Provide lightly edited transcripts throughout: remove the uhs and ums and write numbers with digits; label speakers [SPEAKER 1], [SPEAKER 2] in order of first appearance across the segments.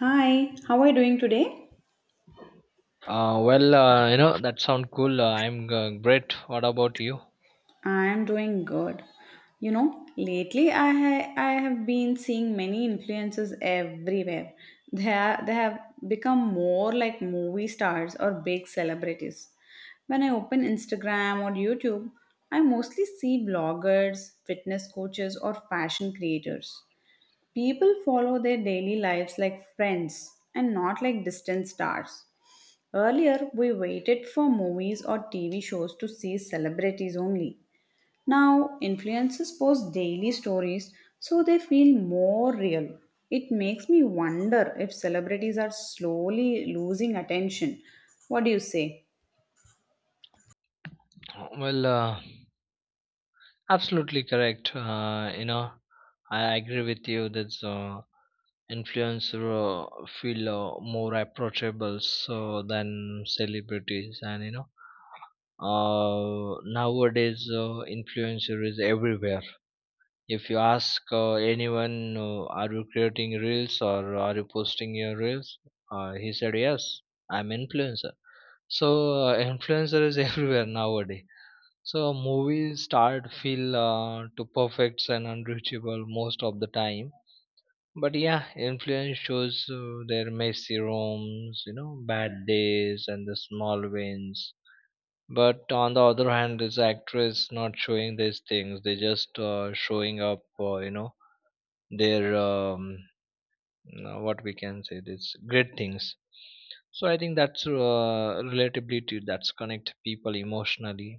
[SPEAKER 1] Hi, how are you doing today?
[SPEAKER 2] Well, that sound cool. I'm great. What about you?
[SPEAKER 1] I'm doing good. You know, lately I have been seeing many influencers everywhere. They have become more like movie stars or big celebrities. When I open Instagram or YouTube, I mostly see bloggers, fitness coaches or fashion creators. People follow their daily lives like friends and not like distant stars. Earlier, we waited for movies or TV shows to see celebrities only. Now, influencers post daily stories so they feel more real. It makes me wonder if celebrities are slowly losing attention. What do you say?
[SPEAKER 2] Well, absolutely correct. I agree with you that influencer feel more approachable so than celebrities, and nowadays influencer is everywhere. If you ask anyone, are you creating reels or are you posting your reels? He said yes. I'm influencer. So influencer is everywhere nowadays. So movies start feel to perfect and unreachable most of the time. But yeah, influence shows their messy rooms, bad days and the small wins. But on the other hand, this actress not showing these things. They just showing up, their what we can say this great things. So I think that's relatability that's connect people emotionally.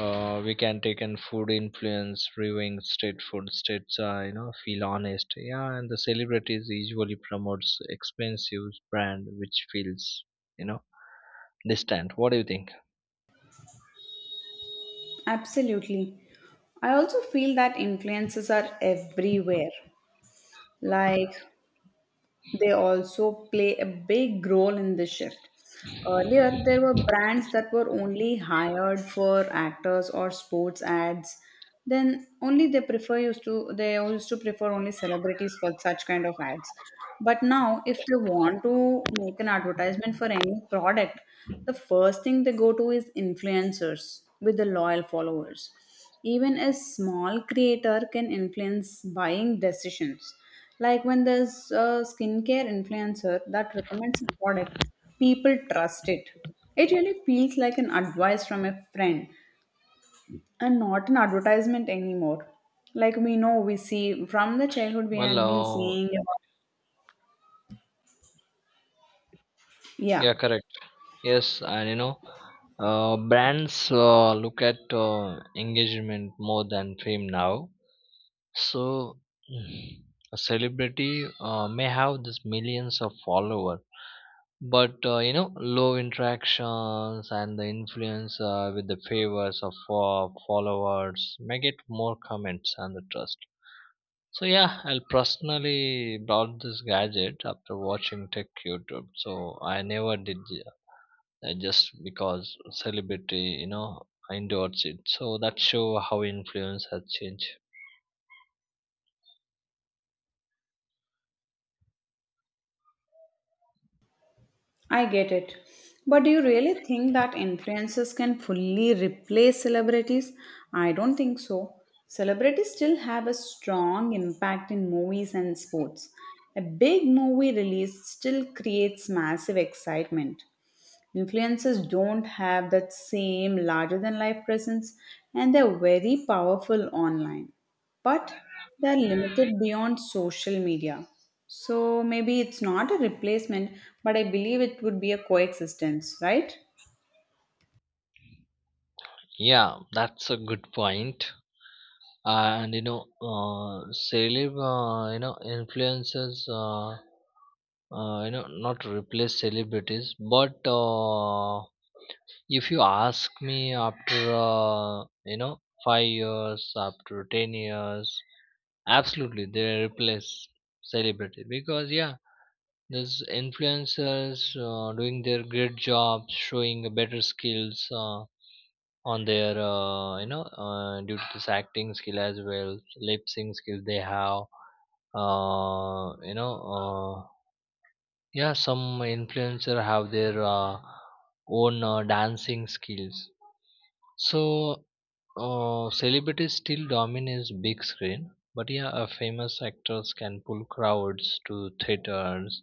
[SPEAKER 2] We can take in food influence reviewing state food states feel honest, yeah, and the celebrities usually promotes expensive brand which feels, you know distant. What do you think?
[SPEAKER 1] Absolutely. I also feel that influencers are everywhere. Like, they also play a big role in the shift. Earlier, there were brands that were only hired for actors or sports ads. Then only they used to prefer only celebrities for such kind of ads. But now, if they want to make an advertisement for any product, the first thing they go to is influencers with the loyal followers. Even a small creator can influence buying decisions. Like when there's a skincare influencer that recommends a product, people trust it. It really feels like an advice from a friend and not an advertisement anymore. Like we know, we see from the childhood we
[SPEAKER 2] Well,
[SPEAKER 1] had been
[SPEAKER 2] uh,
[SPEAKER 1] seeing, yeah,
[SPEAKER 2] yeah, correct. Yes, and brands look at engagement more than fame now. So, mm, a celebrity may have this millions of followers, but low interactions and the influence with the favors of followers may get more comments and the trust. So yeah, I'll personally bought this gadget after watching Tech YouTube. So I never did just because celebrity, endorsed it. So that show how influence has changed.
[SPEAKER 1] I get it. But do you really think that influencers can fully replace celebrities? I don't think so. Celebrities still have a strong impact in movies and sports. A big movie release still creates massive excitement. Influencers don't have that same larger than life presence and they're very powerful online, but they're limited beyond social media. So maybe it's not a replacement, but I believe it would be a coexistence, right?
[SPEAKER 2] Yeah, that's a good point. And influencers, not replace celebrities. But if you ask me, after 5 years, after 10 years, absolutely they replace celebrity because yeah, there's influencers doing their great jobs, showing better skills. On their due to this acting skill as well lip sync skill they have. uh, you know uh, yeah, some influencer have their own dancing skills. So celebrities still dominate big screen, but yeah, famous actors can pull crowds to theaters,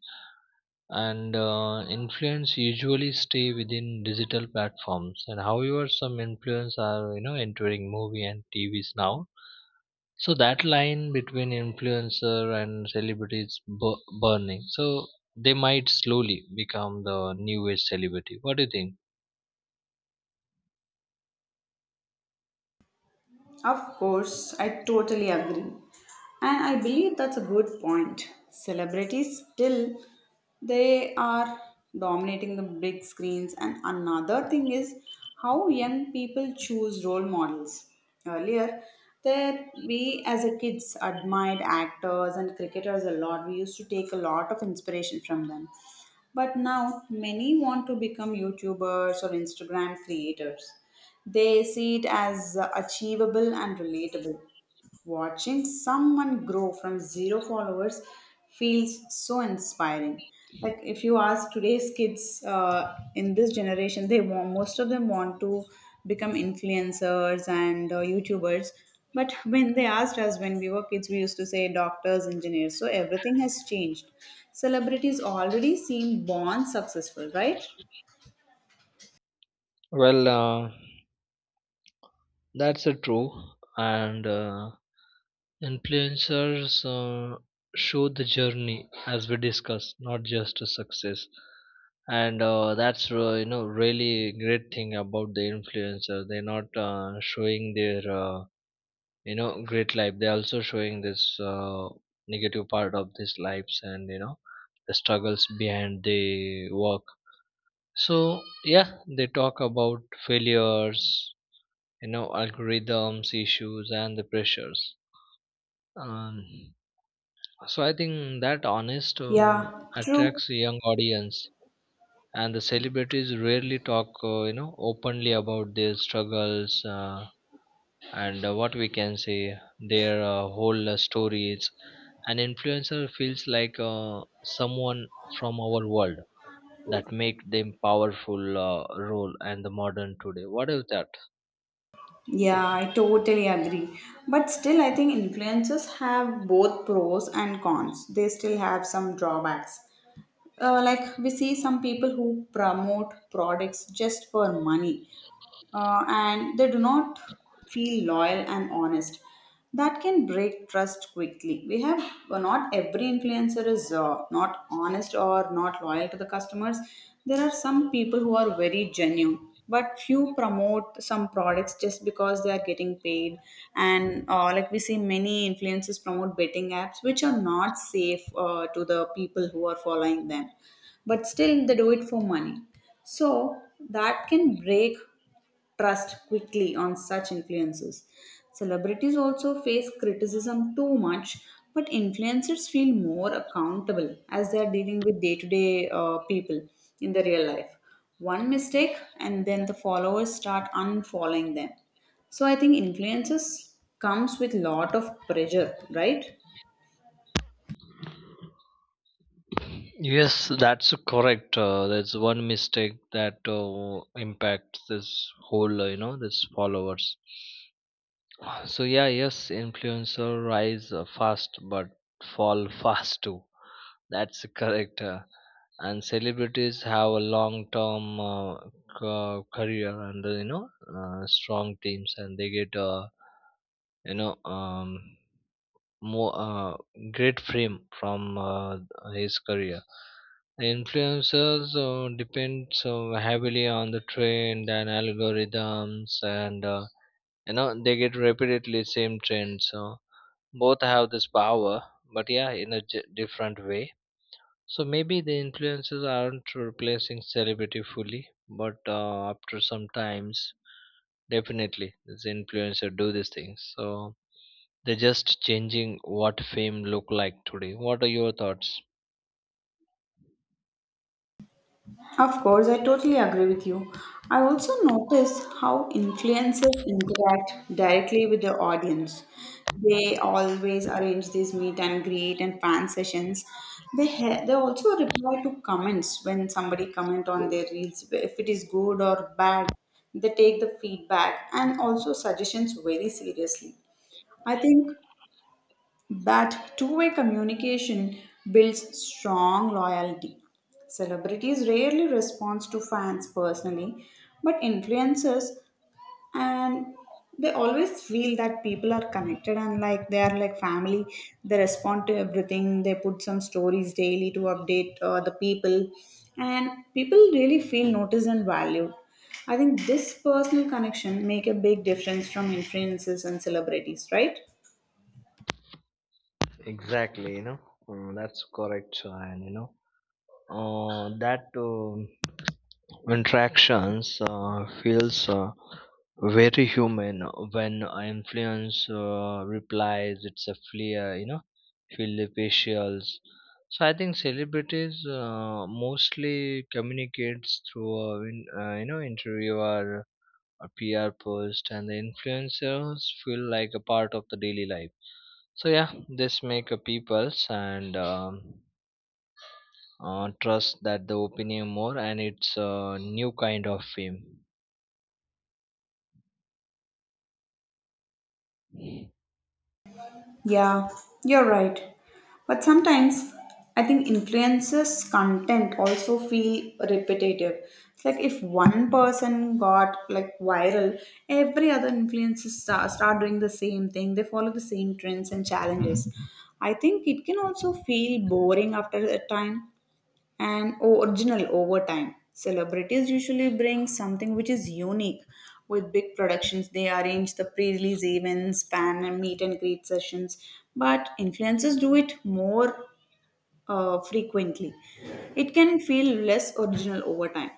[SPEAKER 2] and influence usually stay within digital platforms. And however, some influence are, entering movie and TVs now. So that line between influencer and celebrities burning. So they might slowly become the new age celebrity. What do you think?
[SPEAKER 1] Of course, I totally agree. And I believe that's a good point. Celebrities still, they are dominating the big screens, and another thing is how young people choose role models. Earlier, there we as a kids admired actors and cricketers a lot. We used to take a lot of inspiration from them. But now many want to become YouTubers or Instagram creators. They see it as achievable and relatable. Watching someone grow from zero followers feels so inspiring. Like if you ask today's kids in this generation, they want, most of them want to become influencers and YouTubers. But when they asked us when we were kids, we used to say doctors, engineers. So everything has changed. Celebrities already seem born successful, right?
[SPEAKER 2] Well, that's a true and. Influencers show the journey, as we discussed, not just a success. And that's really great thing about the influencer. They're not showing their great life. They're also showing this negative part of these lives and the struggles behind the work. So yeah, they talk about failures, algorithms, issues, and the pressures. Um, So I think that honest
[SPEAKER 1] Yeah, true.
[SPEAKER 2] attracts a young audience, and the celebrities rarely talk, openly about their struggles, and what we can say their whole stories. An influencer feels like someone from our world that make them powerful role and the modern today. What is that?
[SPEAKER 1] Yeah, I totally agree. But still, I think influencers have both pros and cons. They still have some drawbacks. Like we see some people who promote products just for money, and they do not feel loyal and honest. That can break trust quickly. We have, well, not every influencer is not honest or not loyal to the customers. There are some people who are very genuine, but few promote some products just because they are getting paid. And like we see, many influencers promote betting apps which are not safe to the people who are following them, but still they do it for money. So that can break trust quickly on such influences. Celebrities also face criticism too much, but influencers feel more accountable as they are dealing with day to day people in the real life. One mistake, and then the followers start unfollowing them. So I think influences comes with lot of pressure, right?
[SPEAKER 2] Yes, that's correct. That's one mistake that impacts this whole, this followers. So yeah, yes, influencer rise fast but fall fast too. That's correct. And celebrities have a long-term career and strong teams, and they get you know um, more great fame from his career. Influencers depend so heavily on the trend and algorithms, and they get repeatedly same trends. So both have this power, but yeah, in a different way. So maybe the influencers aren't replacing celebrity fully, but after some times, definitely this influencer do these things, so they're just changing what fame look like today. What are your thoughts?
[SPEAKER 1] Of course, I totally agree with you. I also notice how influencers interact directly with the audience. They always arrange these meet and greet and fan sessions. They also reply to comments when somebody comment on their reels if it is good or bad. They take the feedback and also suggestions very seriously. I think that two-way communication builds strong loyalty. Celebrities rarely respond to fans personally, but influencers, and they always feel that people are connected and like they are like family. They respond to everything, they put some stories daily to update the people, and people really feel noticed and valued. I think this personal connection make a big difference from influencers and celebrities, right?
[SPEAKER 2] Exactly, that's correct, and that. Interactions feels very human when I influence replies it's a flair, feel the facials. So I think celebrities mostly communicates through interview or a pr post, and the influencers feel like a part of the daily life. So yeah, this make a people's and trust that the opinion more, and it's a new kind of fame.
[SPEAKER 1] Yeah, you're right. But sometimes I think influences content also feel repetitive. It's like if one person got like viral, every other influencer start doing the same thing. They follow the same trends and challenges. I think it can also feel boring after a time and original over time. Celebrities usually bring something which is unique. With big productions, they arrange the pre release events, fan and meet and greet sessions, but influencers do it more frequently. It can feel less original over time.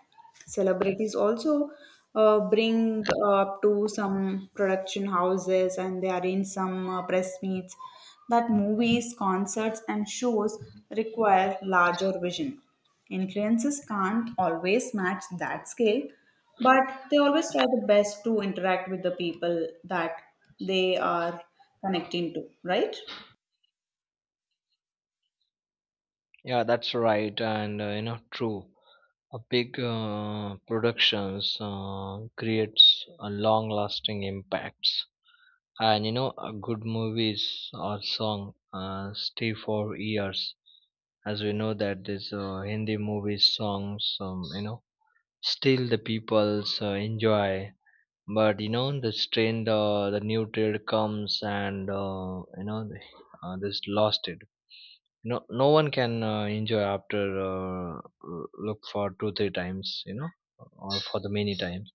[SPEAKER 1] Celebrities also bring up to some production houses and they arrange some press meets that movies, concerts, and shows require larger vision. Influences can't always match that scale, but they always try the best to interact with the people that they are connecting to, right?
[SPEAKER 2] Yeah, that's right, and true. A big productions creates a long-lasting impacts, and a good movies or song stay for years. As we know that this Hindi movies, songs, still the people's enjoy. But the new trend comes, and this lost it. No, no one can enjoy after uh, look for two three times, or for the many times.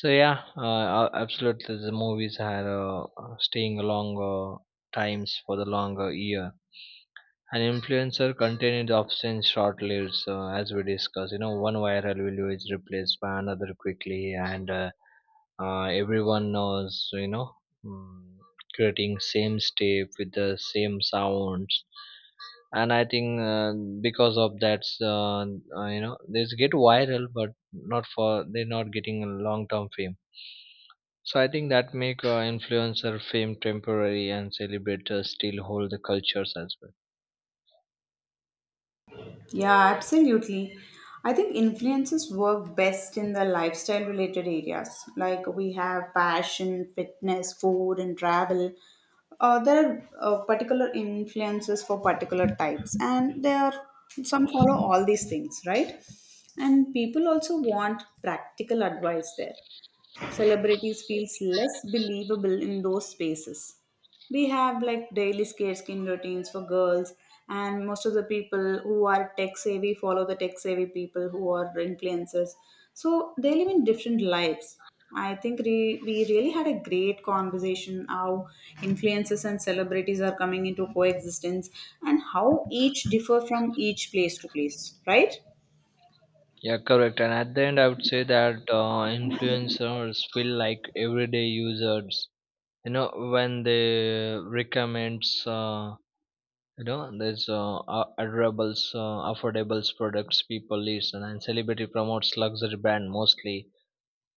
[SPEAKER 2] So yeah, absolutely the movies are staying longer times for the longer year. An influencer content is often short-lived, as we discussed, one viral video is replaced by another quickly, and everyone knows, mm, creating same step with the same sounds. And I think because of that, uh, they just get viral but not for they're not getting a long term fame. So I think that make influencer fame temporary, and celebrators still hold the cultures as well.
[SPEAKER 1] Yeah, absolutely. I think influences work best in the lifestyle related areas. Like we have fashion, fitness, food, and travel. There are particular influences for particular types, and there are some follow all these things, right? And people also want practical advice there, celebrities feels less believable in those spaces. We have like daily scare skin routines for girls, and most of the people who are tech savvy follow the tech savvy people who are influencers. So they live in different lives. I think we really had a great conversation how influencers and celebrities are coming into coexistence and how each differ from each place to place, right?
[SPEAKER 2] Yeah, correct, and at the end I would say that influencers feel like everyday users. you know when they recommends uh, there's adorables affordables products, people listen, and celebrity promotes luxury brand mostly.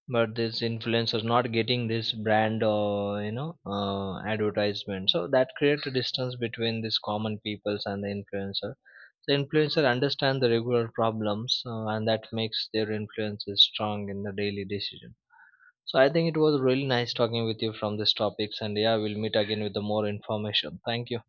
[SPEAKER 2] But this influencer is not getting this brand or advertisement, so that creates a distance between these common peoples and the influencer. The influencer understand the regular problems, and that makes their influences strong in the daily decision. So I think it was really nice talking with you from these topics, and yeah, we'll meet again with the more information. Thank you.